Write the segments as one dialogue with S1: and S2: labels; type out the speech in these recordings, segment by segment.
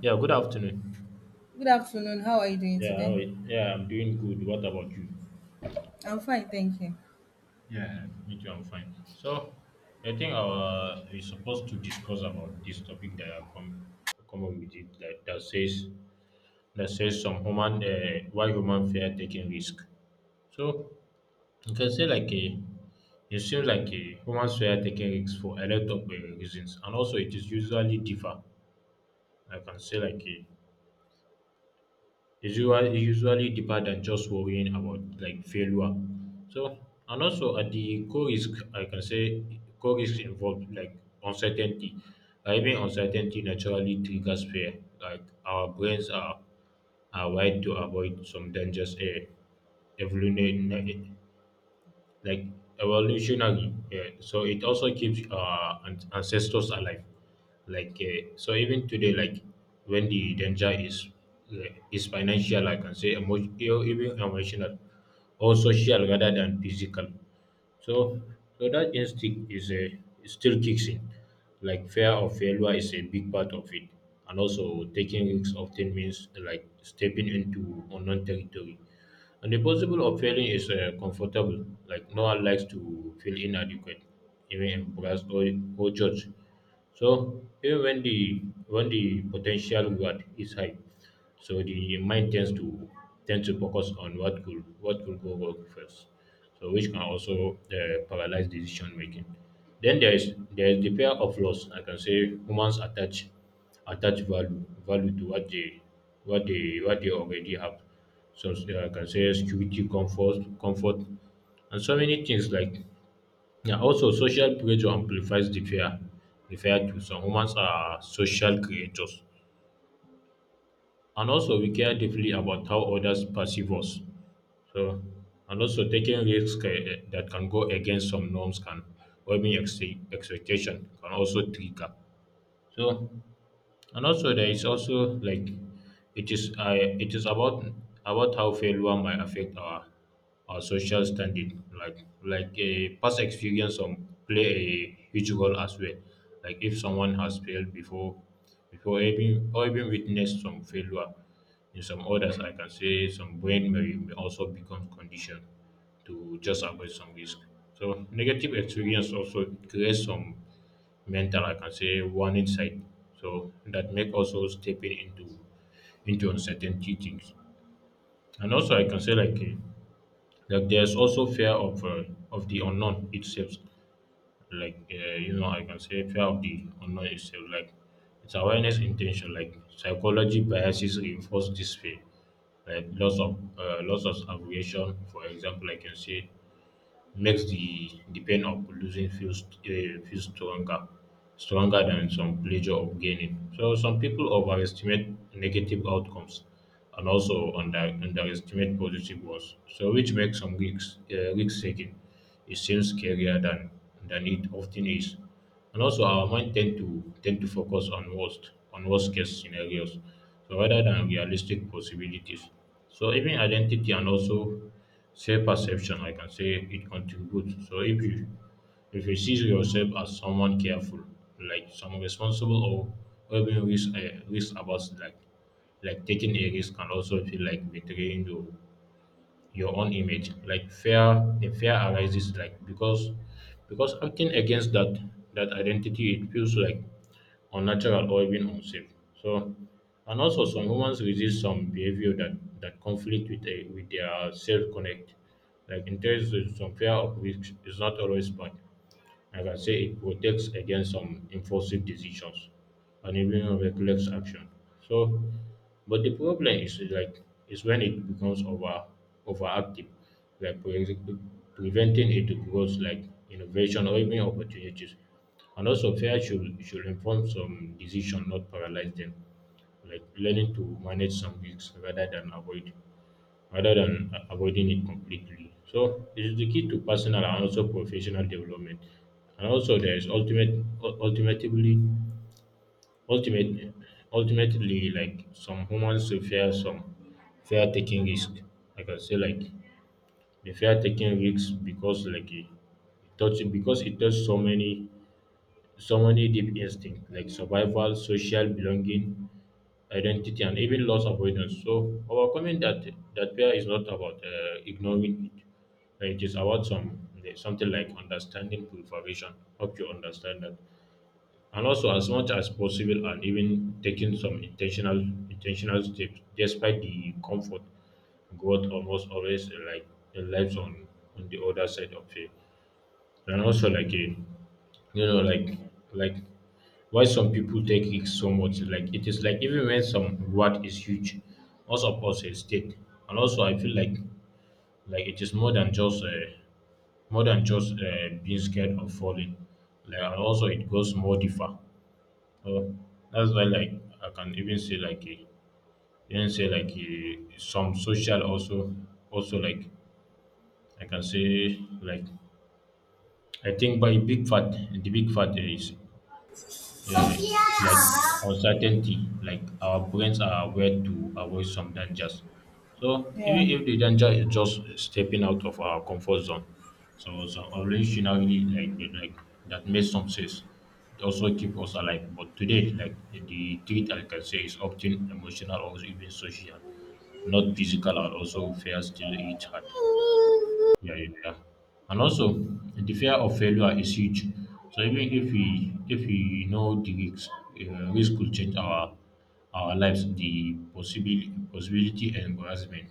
S1: Yeah, good afternoon.
S2: Good afternoon. How are you doing
S1: Yeah,
S2: today?
S1: how are yeah, I'm doing good. What about you?
S2: I'm fine, thank you.
S1: Yeah, me too, I'm fine. So, I think our we're supposed to discuss about this topic that I come up with it that says some human why human fear taking risk. So you can say like a it seems like a humans fear taking risks for a lot of reasons, and also it is usually differ. I can say like a usually deeper than just worrying about like failure. So, and also at the core risk, I can say core risk involved like uncertainty. Like even uncertainty naturally triggers fear. Like our brains are wired to avoid some dangers, a vulnerable, like, evolutionary. Yeah. So it also keeps ancestors alive. Like so, even today, like when the danger uh, is financial, I can say, even emotional, or social rather than physical. So, that instinct is a it still kicks in. Like fear of failure is a big part of it, and also taking risks often means like stepping into unknown territory. And the possible of failing is comfortable. Like no one likes to feel inadequate, even embarrassed, or judged. So even when the potential reward is high, so the mind tends to focus on what could go wrong first. So which can also paralyze decision making. Then there is the fear of loss. I can say humans attach value to what they already have. So yeah, I can say security, comfort, and so many things like yeah. Also, social pressure amplifies the fear. The fear too. Some humans are social creatures, and also we care deeply about how others perceive us. So, and also taking risks that can go against some norms can, or even expectation can also trigger. So, and also there is also like it is about how failure might affect our social standing, like a past experience on play a huge role as well. Like if someone has failed before even, or even witnessed some failure in some others, I can say some brain may also become conditioned to just avoid some risk. So negative experience also creates some mental, I can say, warning sign. So that make also stepping into uncertainty things. And also, I can say like there's also fear of the unknown itself. Like you know, I can say fear of the unknown itself. Like it's awareness intention. Like psychology biases reinforce this fear. Like lots of abbreviation, for example, I can say makes the pain of losing feel stronger, stronger than some pleasure of gaining. So some people overestimate negative outcomes and also underestimate positive ones. So which makes some risk taking, it seems scarier than it often is. And also our mind tend to focus on worst case scenarios so rather than realistic possibilities. So even identity and also self-perception, I can say, it contributes. So if you see yourself as someone careful, like some responsible, or even risk about, like taking a risk can also feel like betraying your own image. Like the fear arises like because acting against that identity, it feels like unnatural or even unsafe. So, and also some humans resist some behavior that conflict with with their self connect. Like in terms of some fear of risk is not always bad. Like I can say, it protects against some impulsive decisions and even reckless action. So, but the problem is like is when it becomes overactive, like preventing it to growth, like innovation or even opportunities. And also, fear should inform some decision, not paralyze them. Like learning to manage some risks rather than avoid rather than avoiding it completely. So it is the key to personal and also professional development. And also there is ultimate ultimately, like, some humans will fear taking risk. Like I can say like they fear taking risks because like it touch because it touches so many, so many deep instincts like survival, social belonging, identity, and even loss avoidance. So overcoming that fear is not about ignoring it. It is about some something like understanding preparation. Hope you understand that. And also as much as possible and even taking some intentional steps despite the comfort, growth almost always lives on the other side of fear. And also like a you know like why some people take it so much. Like it is like even when some reward is huge, most of us hesitate. And also, I feel like it is more than just being scared of falling. Like and also, it goes more deeper. So that's why like I can even say like some social also, also like, I can say like I think by big fat the big fat is it's like uncertainty. Like our brains are aware to avoid some dangers. So even
S2: Yeah.
S1: if the danger is just stepping out of our comfort zone, so some originally like that makes some sense. It also keep us alive. But today, like the treat I can say is often emotional or even social, not physical, and also fear still eat hard. Yeah, yeah, yeah. And also, the fear of failure is huge. So even if we know the risks, risk could change our lives, the possibility and embarrassment,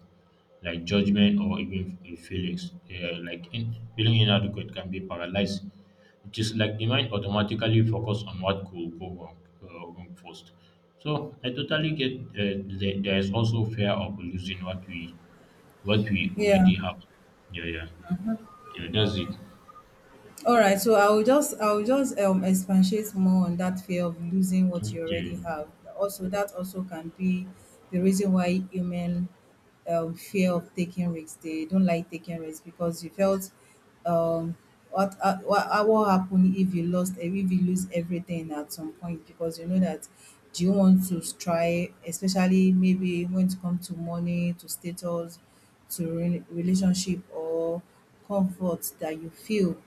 S1: like judgment or even feelings, feeling inadequate can be paralyzed. It is like the mind automatically focus on what could go wrong first. So I totally get there is also fear of losing what we
S2: Yeah.
S1: already have. Yeah, yeah. Yeah, does it.
S2: All right, so I will just expatiate more on that fear of losing what you already
S1: Okay.
S2: have. Also, that also can be the reason why human fear of taking risks. They don't like taking risks because you felt um what happen if you lost if you lose everything at some point, because you know that, do you want to try, especially maybe when it comes to money, to status, to relationship, or comfort that you feel.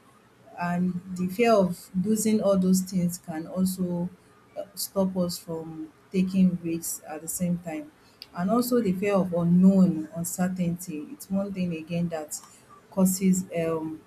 S2: And the fear of losing all those things can also stop us from taking risks at the same time. And also the fear of unknown uncertainty, it's one thing again that causes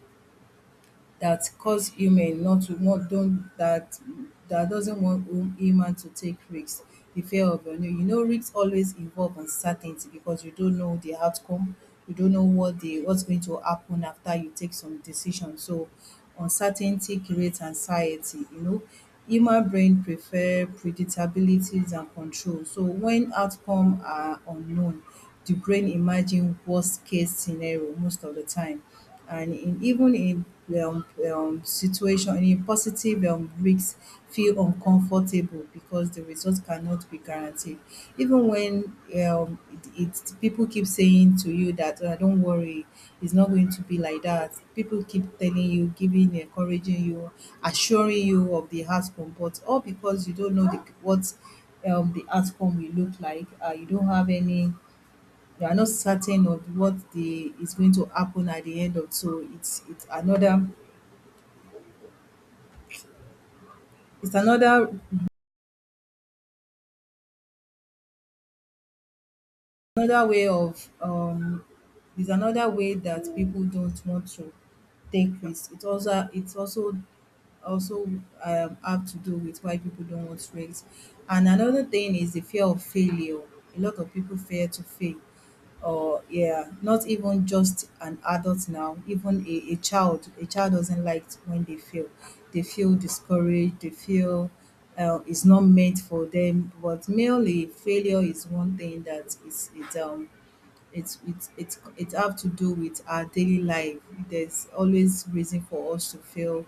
S2: that cause human not to want don't that that doesn't want human to take risks. The fear of unknown, you know, risks always involve uncertainty because you don't know the outcome. You don't know what the what's going to happen after you take some decision. So uncertainty creates anxiety, you know. Human brain prefer predictabilities and control, so when outcome are unknown, the brain imagine worst case scenario most of the time. And even in um, situation in positive risks feel uncomfortable because the result cannot be guaranteed, even when um, it, it people keep saying to you that, don't worry, it's not going to be like that. People keep telling you, giving, encouraging you, assuring you of the outcome. But all because you don't know the, what the outcome will look like, you don't have any, you are not certain of what the is going to happen at the end of. So it's another way of it's another way that people don't want to take risk. It also it's also also have to do with why people don't want risks. And another thing is the fear of failure. A lot of people fear to fail. Or yeah, not even just an adult, now even a child, a child doesn't like when they fail. They feel discouraged, they feel it's not meant for them. But merely failure is one thing that is it, it have to do with our daily life. There's always reason for us to fail,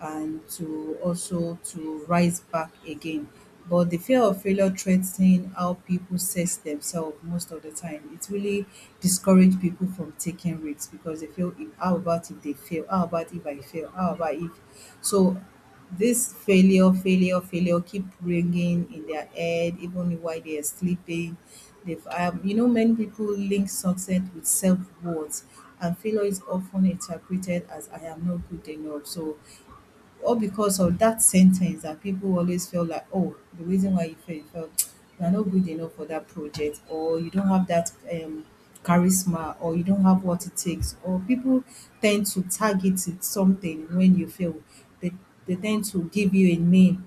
S2: and to also to rise back again. But the fear of failure threatening how people assess themselves most of the time, it really discourage people from taking risks, because they feel if, how about if they fail, how about if I fail, how about if. So this failure keep ringing in their head even while they are sleeping. They've, you know, many people link success with self-worth, and failure is often interpreted as I am not good enough. So all because of that sentence that people always feel like, oh, the reason why you felt you're not good enough for that project, or you don't have that charisma, or you don't have what it takes. Or people tend to target it something when you fail. They, they tend to give you a name,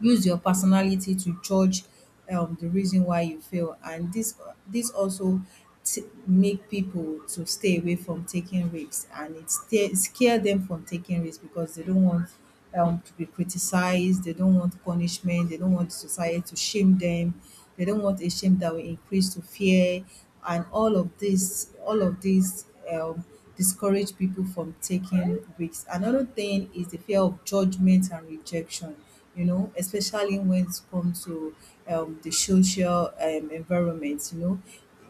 S2: use your personality to judge the reason why you fail. And this also make people to stay away from taking risks, and it sta scare them from taking risks, because they don't want to be criticized, they don't want punishment, they don't want society to shame them, they don't want a shame that will increase to fear. And all of this discourage people from taking risks. Another thing is the fear of judgment and rejection. You know, especially when it comes to the social environment, you know.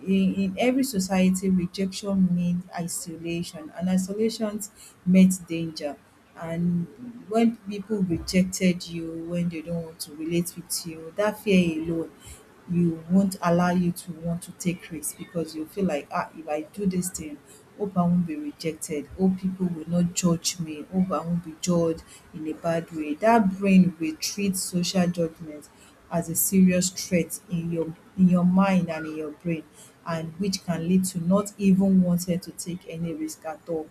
S2: In every society, rejection means isolation, and isolation means danger. And when people rejected you, when they don't want to relate with you, that fear alone, you won't allow you to want to take risks, because you feel like, ah, if I do this thing, hope I won't be rejected, hope people will not judge me, hope I won't be judged in a bad way. That brain will treat social judgment as a serious threat in your mind and in your brain, and which can lead to not even wanting to take any risk at all.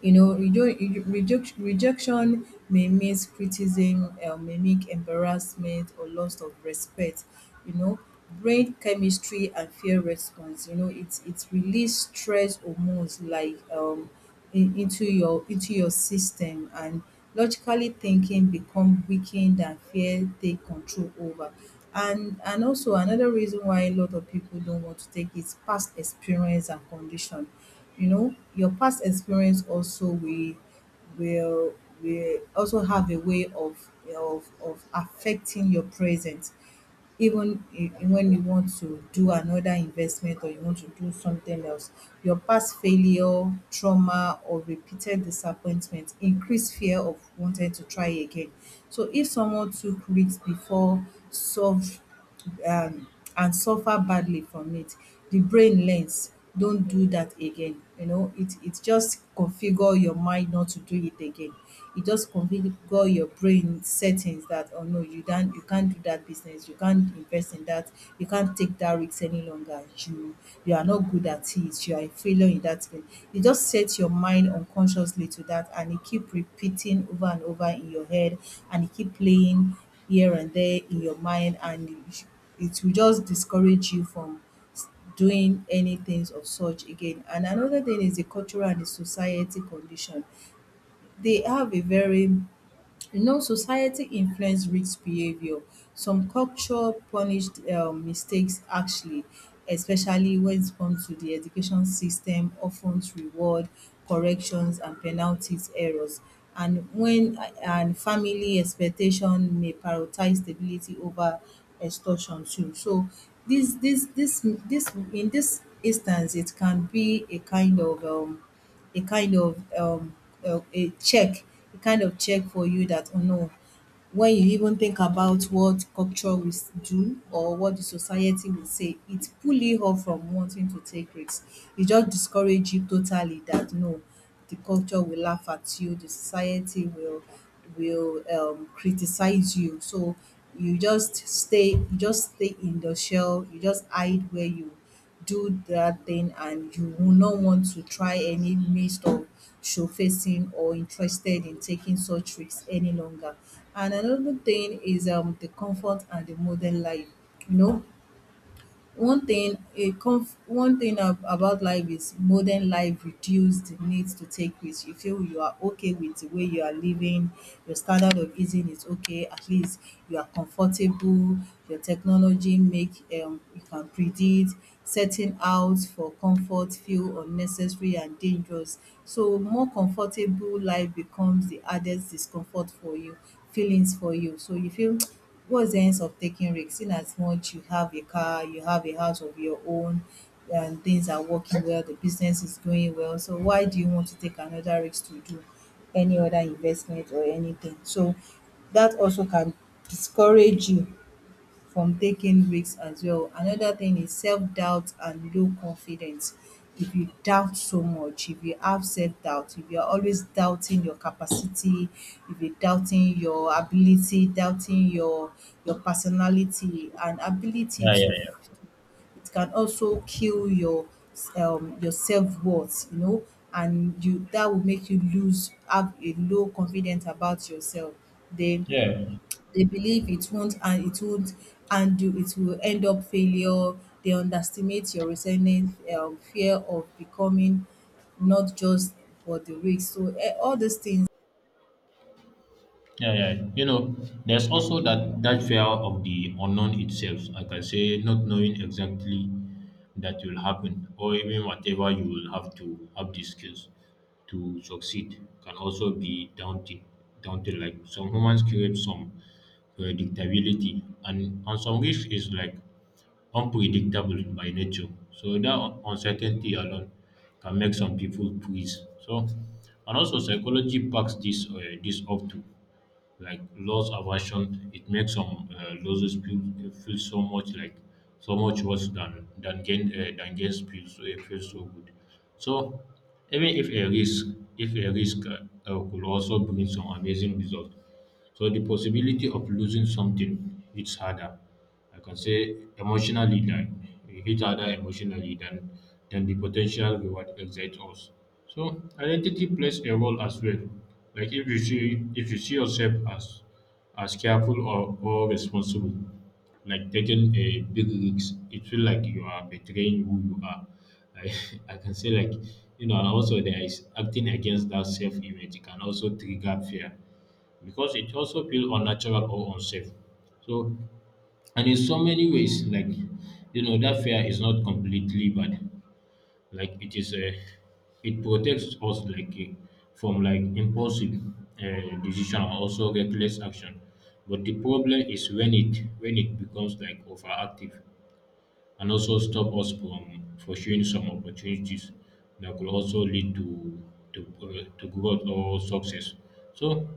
S2: You know, rejection rejection may mean criticism, may make embarrassment or loss of respect. You know, brain chemistry and fear response, you know, it's release stress hormones, like into your system, and logically thinking become weakened and fear take control over. And also another reason why a lot of people don't want to take is past experience and condition. You know, your past experience also will will also have a way of affecting your present, even when you want to do another investment or you want to do something else. Your past failure, trauma, or repeated disappointment increase fear of wanting to try again. So if someone took risks before, solved, um, and suffer badly from it, the brain learns, don't do that again. You know, it just configure your mind not to do it again. It just configure your brain settings that, oh no, you can't do that business, you can't invest in that, you can't take that risk any longer. You are not good at it, you are a failure in that thing. It just sets your mind unconsciously to that, and it keep repeating over and over in your head, and it keep playing here and there in your mind. And it will just discourage you from s- doing any things of such again. And another thing is the cultural and the society condition. They have a very, you know, society influence risk behavior. Some culture punished mistakes actually, especially when it comes to the education system, often reward corrections and penalties errors. And when and family expectation may prioritize stability over extortion too. So this in this instance, it can be a kind of a kind of um, a check, a kind of check for you that, oh no, when you even think about what culture will do or what the society will say, it pull you off from wanting to take risks. It just discourage you totally, that no, the culture will laugh at you, the society will criticize you. So you just stay in the shell. You just hide where you do that thing, and you will not want to try any midst of showcasing or interested in taking such risks any longer. And another thing is the comfort and the modern life. You know, one thing about life is, modern life reduce the need to take risks. You feel you are okay with the way you are living, your standard of eating is okay, at least you are comfortable, your technology make you can predict, setting out for comfort feel unnecessary and dangerous. So more comfortable life becomes the hardest discomfort for you, feelings for you. So you feel, what's the sense of taking risks, seeing as much you have a car, you have a house of your own, and things are working well, the business is going well, so why do you want to take another risk to do any other investment or anything? So that also can discourage you from taking risks as well. Another thing is self-doubt and low confidence. If you doubt so much, if you have self-doubt, if you're always doubting your capacity, if you're doubting your ability, doubting your personality and ability
S1: Yeah, yeah,
S2: to,
S1: yeah,
S2: it can also kill your self-worth, you know, and you, that will make you lose have a low confidence about yourself. Then
S1: yeah,
S2: they believe it won't, and it won't handle, it will end up failure. They underestimate your resentment, fear of becoming not just for the risk. So all these things.
S1: yeah, yeah. You know, there's also that fear of the unknown itself. I can say not knowing exactly that will happen, or even whatever you will have to have the skills to succeed can also be daunting. Daunting, like some humans crave some predictability, and some wish is like unpredictable by nature. So that uncertainty alone can make some people freeze. So and also psychology backs this up too, like loss aversion. It makes some losses feel so much like so much worse than gain than gains feel, so it feels so good. So even if a risk could also bring some amazing results. So the possibility of losing something, it's harder. I can say emotionally than each other emotionally than than the potential reward excites us. So identity plays a role as well. Like if you see yourself as careful, or responsible, like taking a big risk, it feel like you are betraying who you are. I, I can say like, you know, and also there is acting against that self image can also trigger fear because it also feel unnatural or unsafe. So, and in so many ways, like, you know, that fear is not completely bad. Like it is, it protects us like from like impulsive decision or also reckless action. But the problem is when it becomes like overactive and also stop us from pursuing some opportunities that could also lead to, to growth or success. So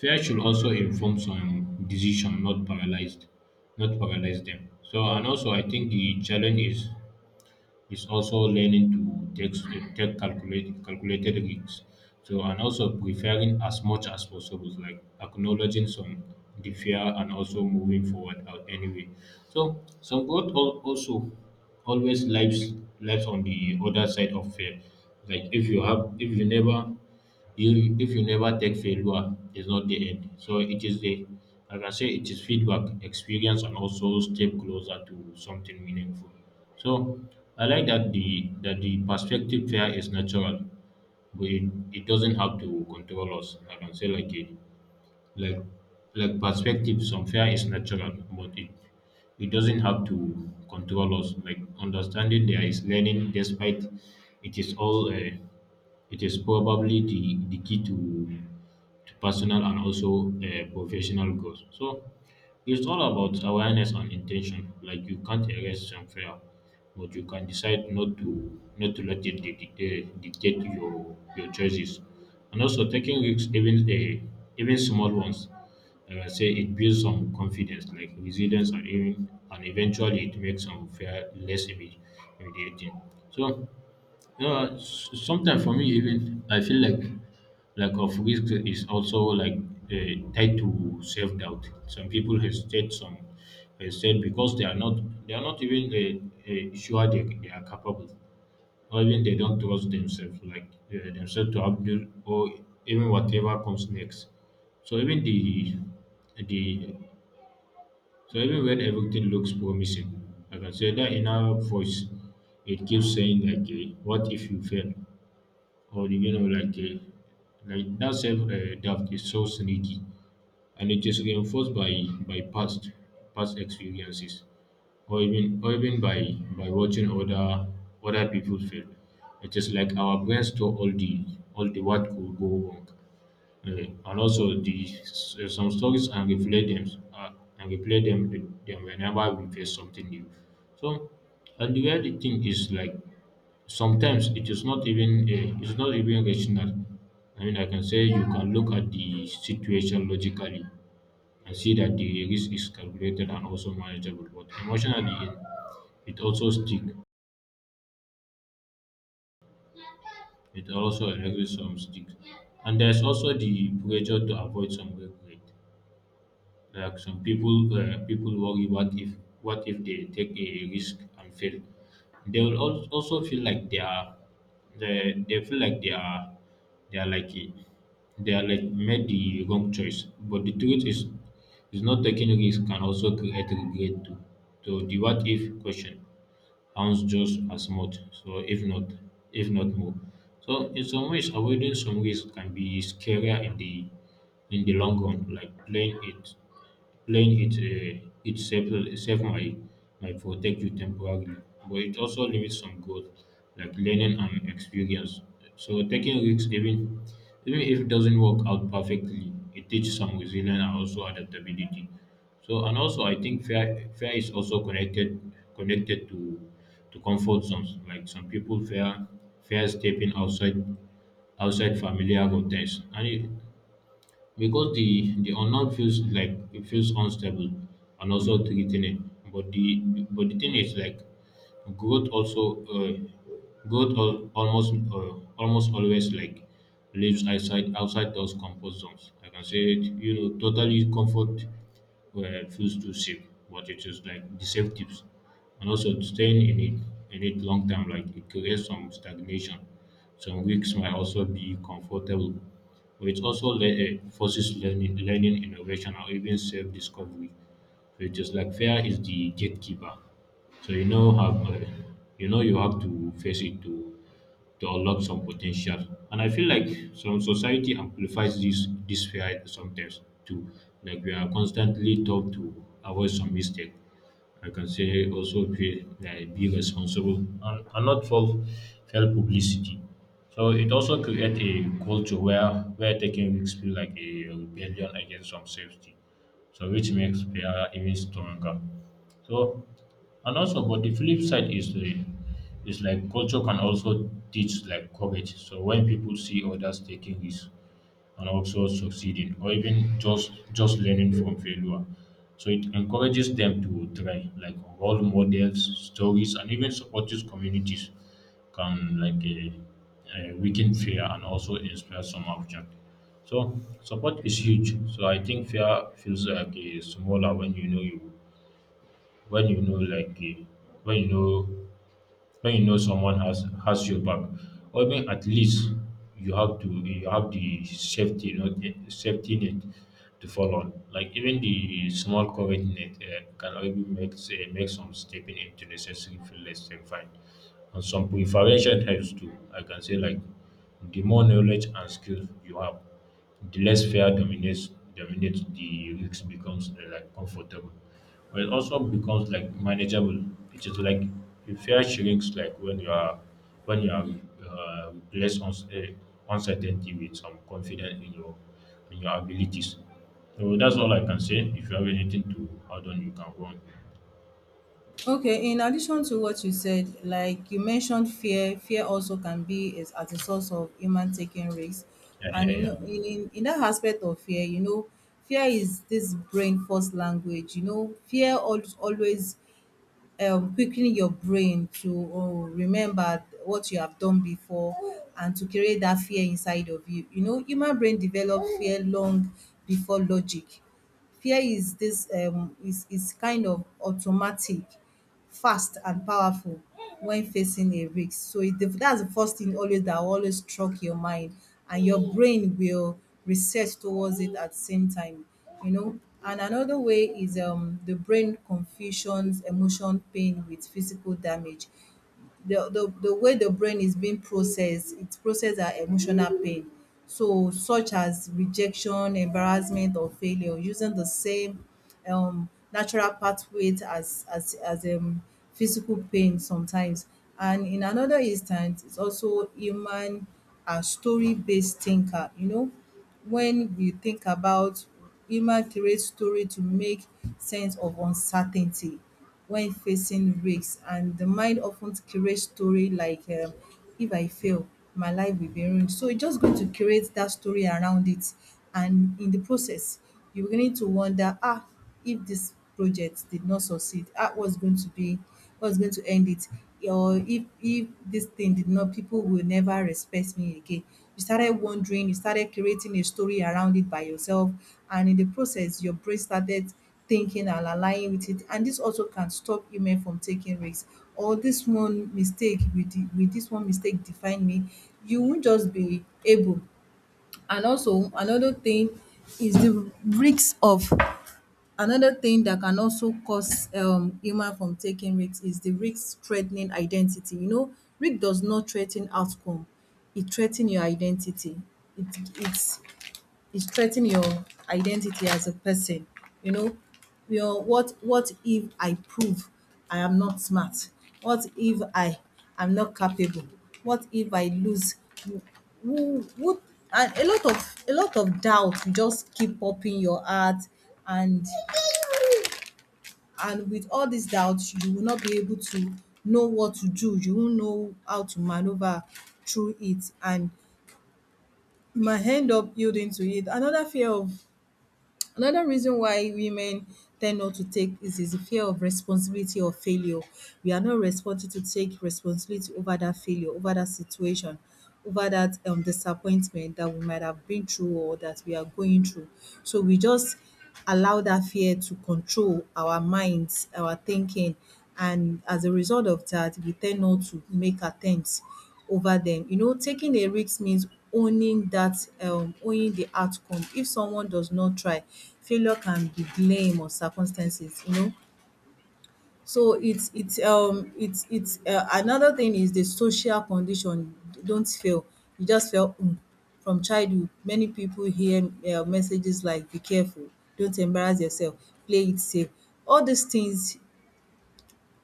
S1: fear should also inform some decision, not paralyze them. So and also I think the challenge is also learning to take calculated risks. So, and also preferring as much as possible, like acknowledging some the fear and also moving forward out anyway. So, some growth also always lives on the other side of fear. Like if you have, if you never you if you never take, failure is not the end. So it is the, like I say, it is feedback, experience, and also step closer to something meaningful. So I like that the perspective fair is natural, but it doesn't have to control us. Like I can say like a like like perspective, some fear is natural, but it doesn't have to control us. Like understanding there is learning, despite it is all. It is probably the key to personal and also professional growth. So it's all about awareness and intention. Like you can't erase fear, but you can decide not to let it dictate your choices. And also taking risks, even the even small ones, I can say it builds some confidence, like resilience, and eventually it makes some fear less intimidating. So, sometimes for me, even I feel like lack of risk is also like uh, tied to self doubt. Some people hesitate, some hesitate because they are not even sure they are capable or even they don't trust themselves, like themselves to handle or even whatever comes next. So even the so even when everything looks promising, I can say that inner voice it keeps saying like, "What if you fail?" Or you know, like that self doubt is so sneaky and it is reinforced by by past experiences or even by watching other people fail. It is like our brain store all the what could go wrong. And also the some stories and replay them uh, and replay them them whenever we face something new. So, and the weird thing is like sometimes it's not even rational. I mean, I can say you can look at the situation logically, and see that the risk is calculated and also manageable. But emotionally, it also stick. It also encourages some stick. And there's also the pressure to avoid some regret. Like some people people worry what if they take a risk and fail. They will also feel like they feel like they are like a- they are like made the wrong choice. But the truth is not taking risk can also create regret too. So the what if question pounds just as much, so if not more. So in some ways, avoiding some risk can be scarier in the long run, like playing it safe might protect you temporarily, but it also limits some growth, like learning and experience. So taking risks, even if it doesn't work out perfectly, it teaches some resilience and also adaptability. So and also I think fear is also connected to comfort zones. Like some people fear stepping outside familiar context, and it, because the unknown feels like it feels unstable and also threatening. But the thing is like growth also uh, growth almost always like lives outside those comfort zones. Like I can say it, you know totally comfort where it feels too safe, but it is like the safe tips. And also staying in it long time, like it creates some stagnation. Some weeks might also be comfortable. But it also forces learning, innovation, or even self-discovery. So it is like fear is the gatekeeper. So you know you have to face it to unlock some potential. And I feel like some society amplifies this fear sometimes too. Like we are constantly taught to avoid some mistake. I can say also pay, like, be responsible and not for fail publicity. So it also create a culture where taking risks feel like a rebellion against some safety. So which makes player even stronger. So and also but the flip side is the is like culture can also teach like courage. So when people see others taking risks, and also succeeding or even just learning from failure, so it encourages them to try, like role models stories and even supportive communities can like weaken fear and also inspire some action. So support is huge. So I think fear feels like a smaller when you know you when you know like when you know when you know someone has your back, or even at least you have the safety not safety net to fall on, like even the small current net can even make some stepping into necessary feel less terrifying. And some preparation helps too. I can say like the more knowledge and skills you have, the less fear dominates the risk becomes like comfortable. But it also becomes like manageable. It is like the fear shrinks like when you are uh, replaced uns- uh, uncertainty with some confidence in your abilities. So that's all I can say. If you have anything to add on, you can go on.
S2: Okay, in addition to what you said, like you mentioned fear, fear also can be is as a source of human taking risks.
S1: Yeah,
S2: And you
S1: yeah,
S2: know, in,
S1: yeah.
S2: in in that aspect of fear, you know, fear is this brain first language. You know, fear always quickening your brain to remember what you have done before, and to create that fear inside of you. You know, human brain develop fear long before logic. Fear is this is kind of automatic, fast and powerful when facing a risk. So it, that's the first thing always that always struck your mind, and your brain will research towards it at the same time. You know. And another way is the brain confusions emotion pain with physical damage. The way the brain is being processed, it processes our emotional pain. So such as rejection, embarrassment or failure using the same natural pathway as physical pain sometimes. And in another instance, it's also human are story based thinker, you know, when we think about human create story to make sense of uncertainty when facing risks, and the mind often create story like, if I fail, my life will be ruined. So it's just going to create that story around it. And in the process, you're beginning to wonder, ah, if this project did not succeed, ah, what's going to be, what's going to end it, or if this thing did not, people will never respect me again. You started wondering, you started creating a story around it by yourself, and in the process your brain started thinking and aligning with it, and this also can stop women from taking risks. Or this one mistake, with the, with this one mistake define me, you won't just be able. And also another thing is the risk of. Another thing that can also cause human from taking risks is the risk threatening identity. You know, risk does not threaten outcome. It threaten your identity. It it's it threaten your identity as a person. You know, your, what if I prove I am not smart? What if I am not capable? What if I lose? Who who who- and a lot of doubt just keep popping your heart, and and with all these doubts you will not be able to know what to do, you won't know how to maneuver through it, and you might end up yielding to it. Another fear of. Another reason why women tend not to take is the fear of responsibility or failure. We are not responsible to take responsibility over that failure, over that situation, over that disappointment that we might have been through or that we are going through. So we just allow that fear to control our minds, our thinking, and as a result of that, we tend not to make attempts over them. You know, taking a risk means owning that owning the outcome. If someone does not try, failure can be blame or circumstances, you know. So it's another thing is the social condition. Don't fail. You just fail. Mm. From childhood, many people hear messages like "Be careful," "Don't embarrass yourself," "Play it safe." All these things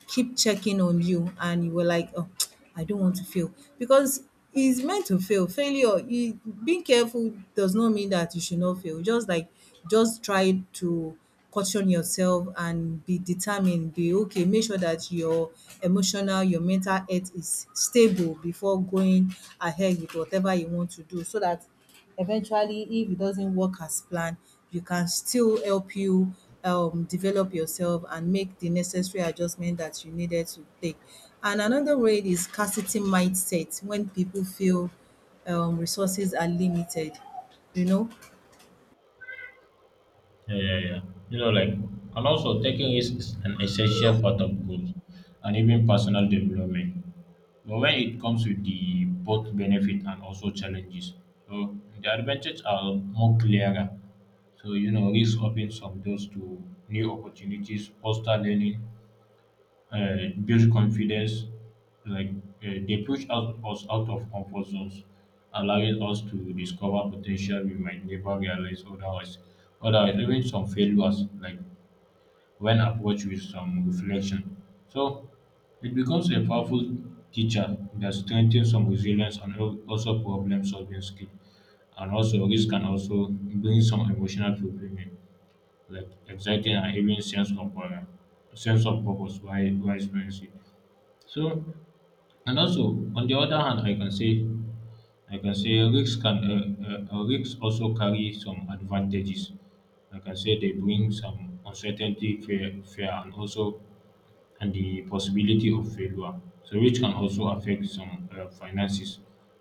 S2: keep checking on you and you were like, oh, I don't want to fail because it's meant to fail. Failure, you, being careful does not mean that you should not fail. Just like, just try to caution yourself and be determined. Be okay. Make sure that your emotional, your mental health is stable before going ahead with whatever you want to do, so that eventually if it doesn't work as planned, you can still help you develop yourself and make the necessary adjustment that you needed to take. And another way is scarcity mindset, when people feel resources are limited, you know.
S1: Yeah, yeah, yeah. You know, like, and also taking risk is an essential part of growth and even personal development. But when it comes with the both benefit and also challenges, so the advantages are more clearer. So you know, risk opens some doors to new opportunities, foster learning, uh, builds confidence. Like they push out, us out of comfort zones, allowing us to discover potential we might never realize otherwise. Otherwise, even some failures, like when approached with some reflection. So it becomes a powerful teacher that strengthens some resilience and also problem solving skill. And also, risk can also bring some emotional fulfillment, like exciting and even sense of purpose while experiencing. So, and also on the other hand, I can say rigs can rigs also carry some advantages. I can say they bring some uncertainty, fear, and also and the possibility of failure. So, which can also affect some finances,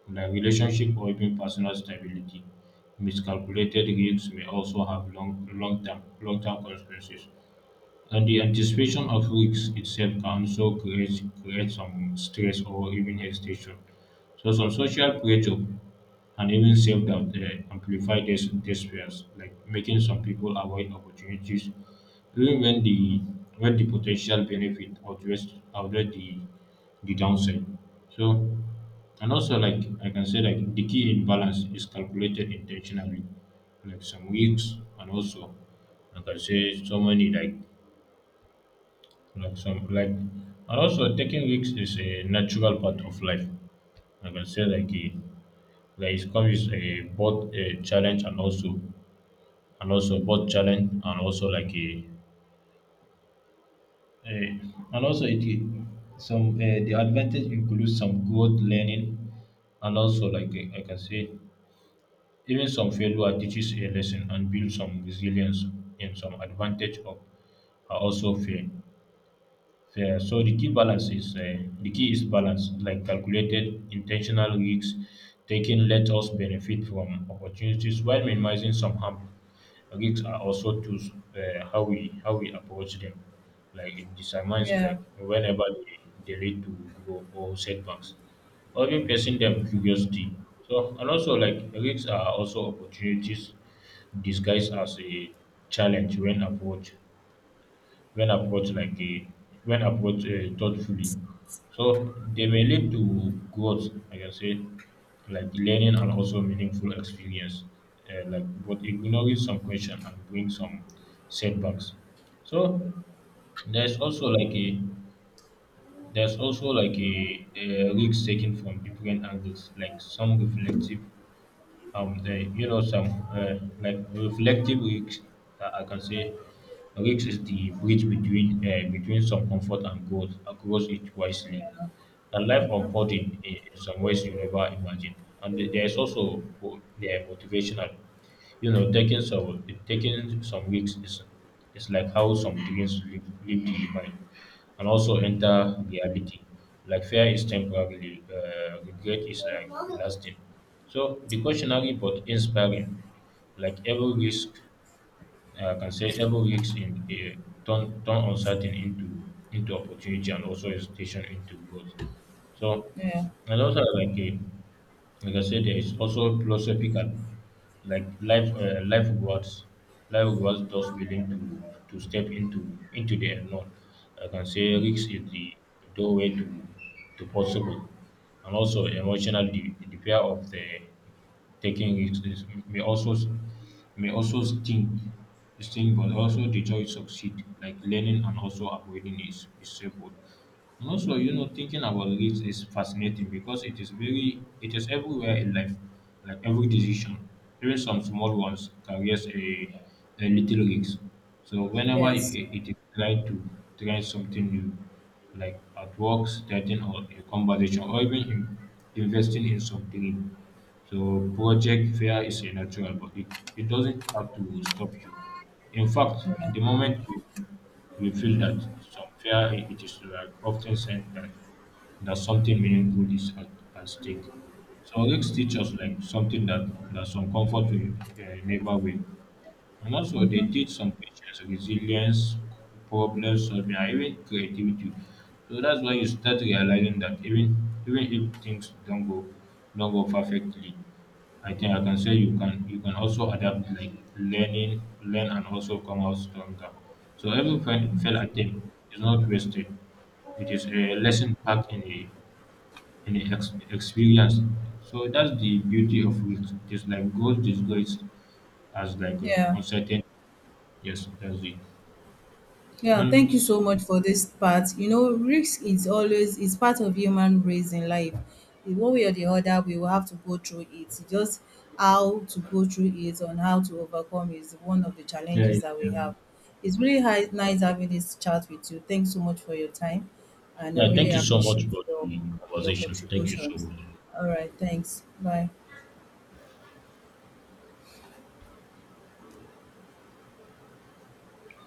S1: like relationship or even personal stability. Miscalculated risks may also have long-term consequences. And the anticipation of risks itself can also create some stress or even hesitation. So some social pressure and even self doubt amplify these fears, like making some people avoid opportunities even when the potential benefit outweighs the downside. So and also like I can say like the key in balance is calculated intentionally, like some risks and also like I can say so many like some like and also taking risks is a natural part of life. I can say like it comes with a both a challenge and also both challenge and also a it some the advantage includes some growth learning and also like I can say even some failure teaches a lesson and builds some resilience. And some advantage of are also fair. Yeah, so the key is balance, like calculated intentional risks taken let us benefit from opportunities while minimizing some harm. Risks are also tools how we approach them. Like it determines
S2: Yeah,
S1: like whenever they lead to grow or setbacks. Or even facing them curiosity. So and also like risks are also opportunities disguised as a challenge when approached like a when approached thoughtfully. So they may lead to growth, like I can say, like learning and also meaningful experience. Like but ignoring some question and bring some setbacks. So there's also like a there's also like a risk taken from different angles, like some reflective you know, some like reflective weeks. I can say weeks is the bridge between between some comfort and growth. Grows it wisely and life unfolding in some ways you never imagined. And there is also yeah, motivational. You know, taking some weeks is like how some dreams leave the mind and also enter reality. Like fear is temporary, regret is like lasting. So the cautionary but inspiring. Like every risk I can say every weeks in a turn uncertain into opportunity and also hesitation into growth. So
S2: yeah,
S1: and also like I said, there is also philosophical, like life words those willing to step into the unknown. I can say risk is the doorway to possible. And also emotional the fear of the taking is may also may also sting sting but also the joy succeed like learning and also avoiding is separate. And also you know thinking about risk is fascinating because it is everywhere in life. Like every decision, even some small ones carries a little risk. So
S2: yes,
S1: it is tried to try something new, like artworks, starting or a conversation, or even investing in something. So project fear is a natural, but it doesn't have to stop you. In fact,
S2: yeah,
S1: in the moment you feel that some fear, it is like often said that something meaningful is at stake. So risks teach us like something that some comfort will never will. And also, they teach some patience, resilience, problem solving, and even creativity. So that's why you start realizing that even if things don't go perfectly, I think I can say you can also adapt, like learn and also come out stronger. So every failed attempt is not wasted. It is a lesson packed in a experience. So that's the beauty of it. It is like growth disguised as like
S2: yeah.
S1: uncertainty. Yes, that's it.
S2: Yeah, thank you
S1: And
S2: so much for this part. You know, risk is always is part of human race in life. In one way or the other, we will have to go through it. Just how to go through it and how to overcome is one of the
S1: yeah,
S2: challenges
S1: yeah,
S2: that
S1: yeah.
S2: we have. It's really nice having this chat with you. Thanks so much for your time, and I
S1: Yeah,
S2: really
S1: thank you so much
S2: appreciate
S1: for the
S2: your
S1: conversation. Thank you so
S2: contributions.
S1: much.
S2: All right, thanks. Bye.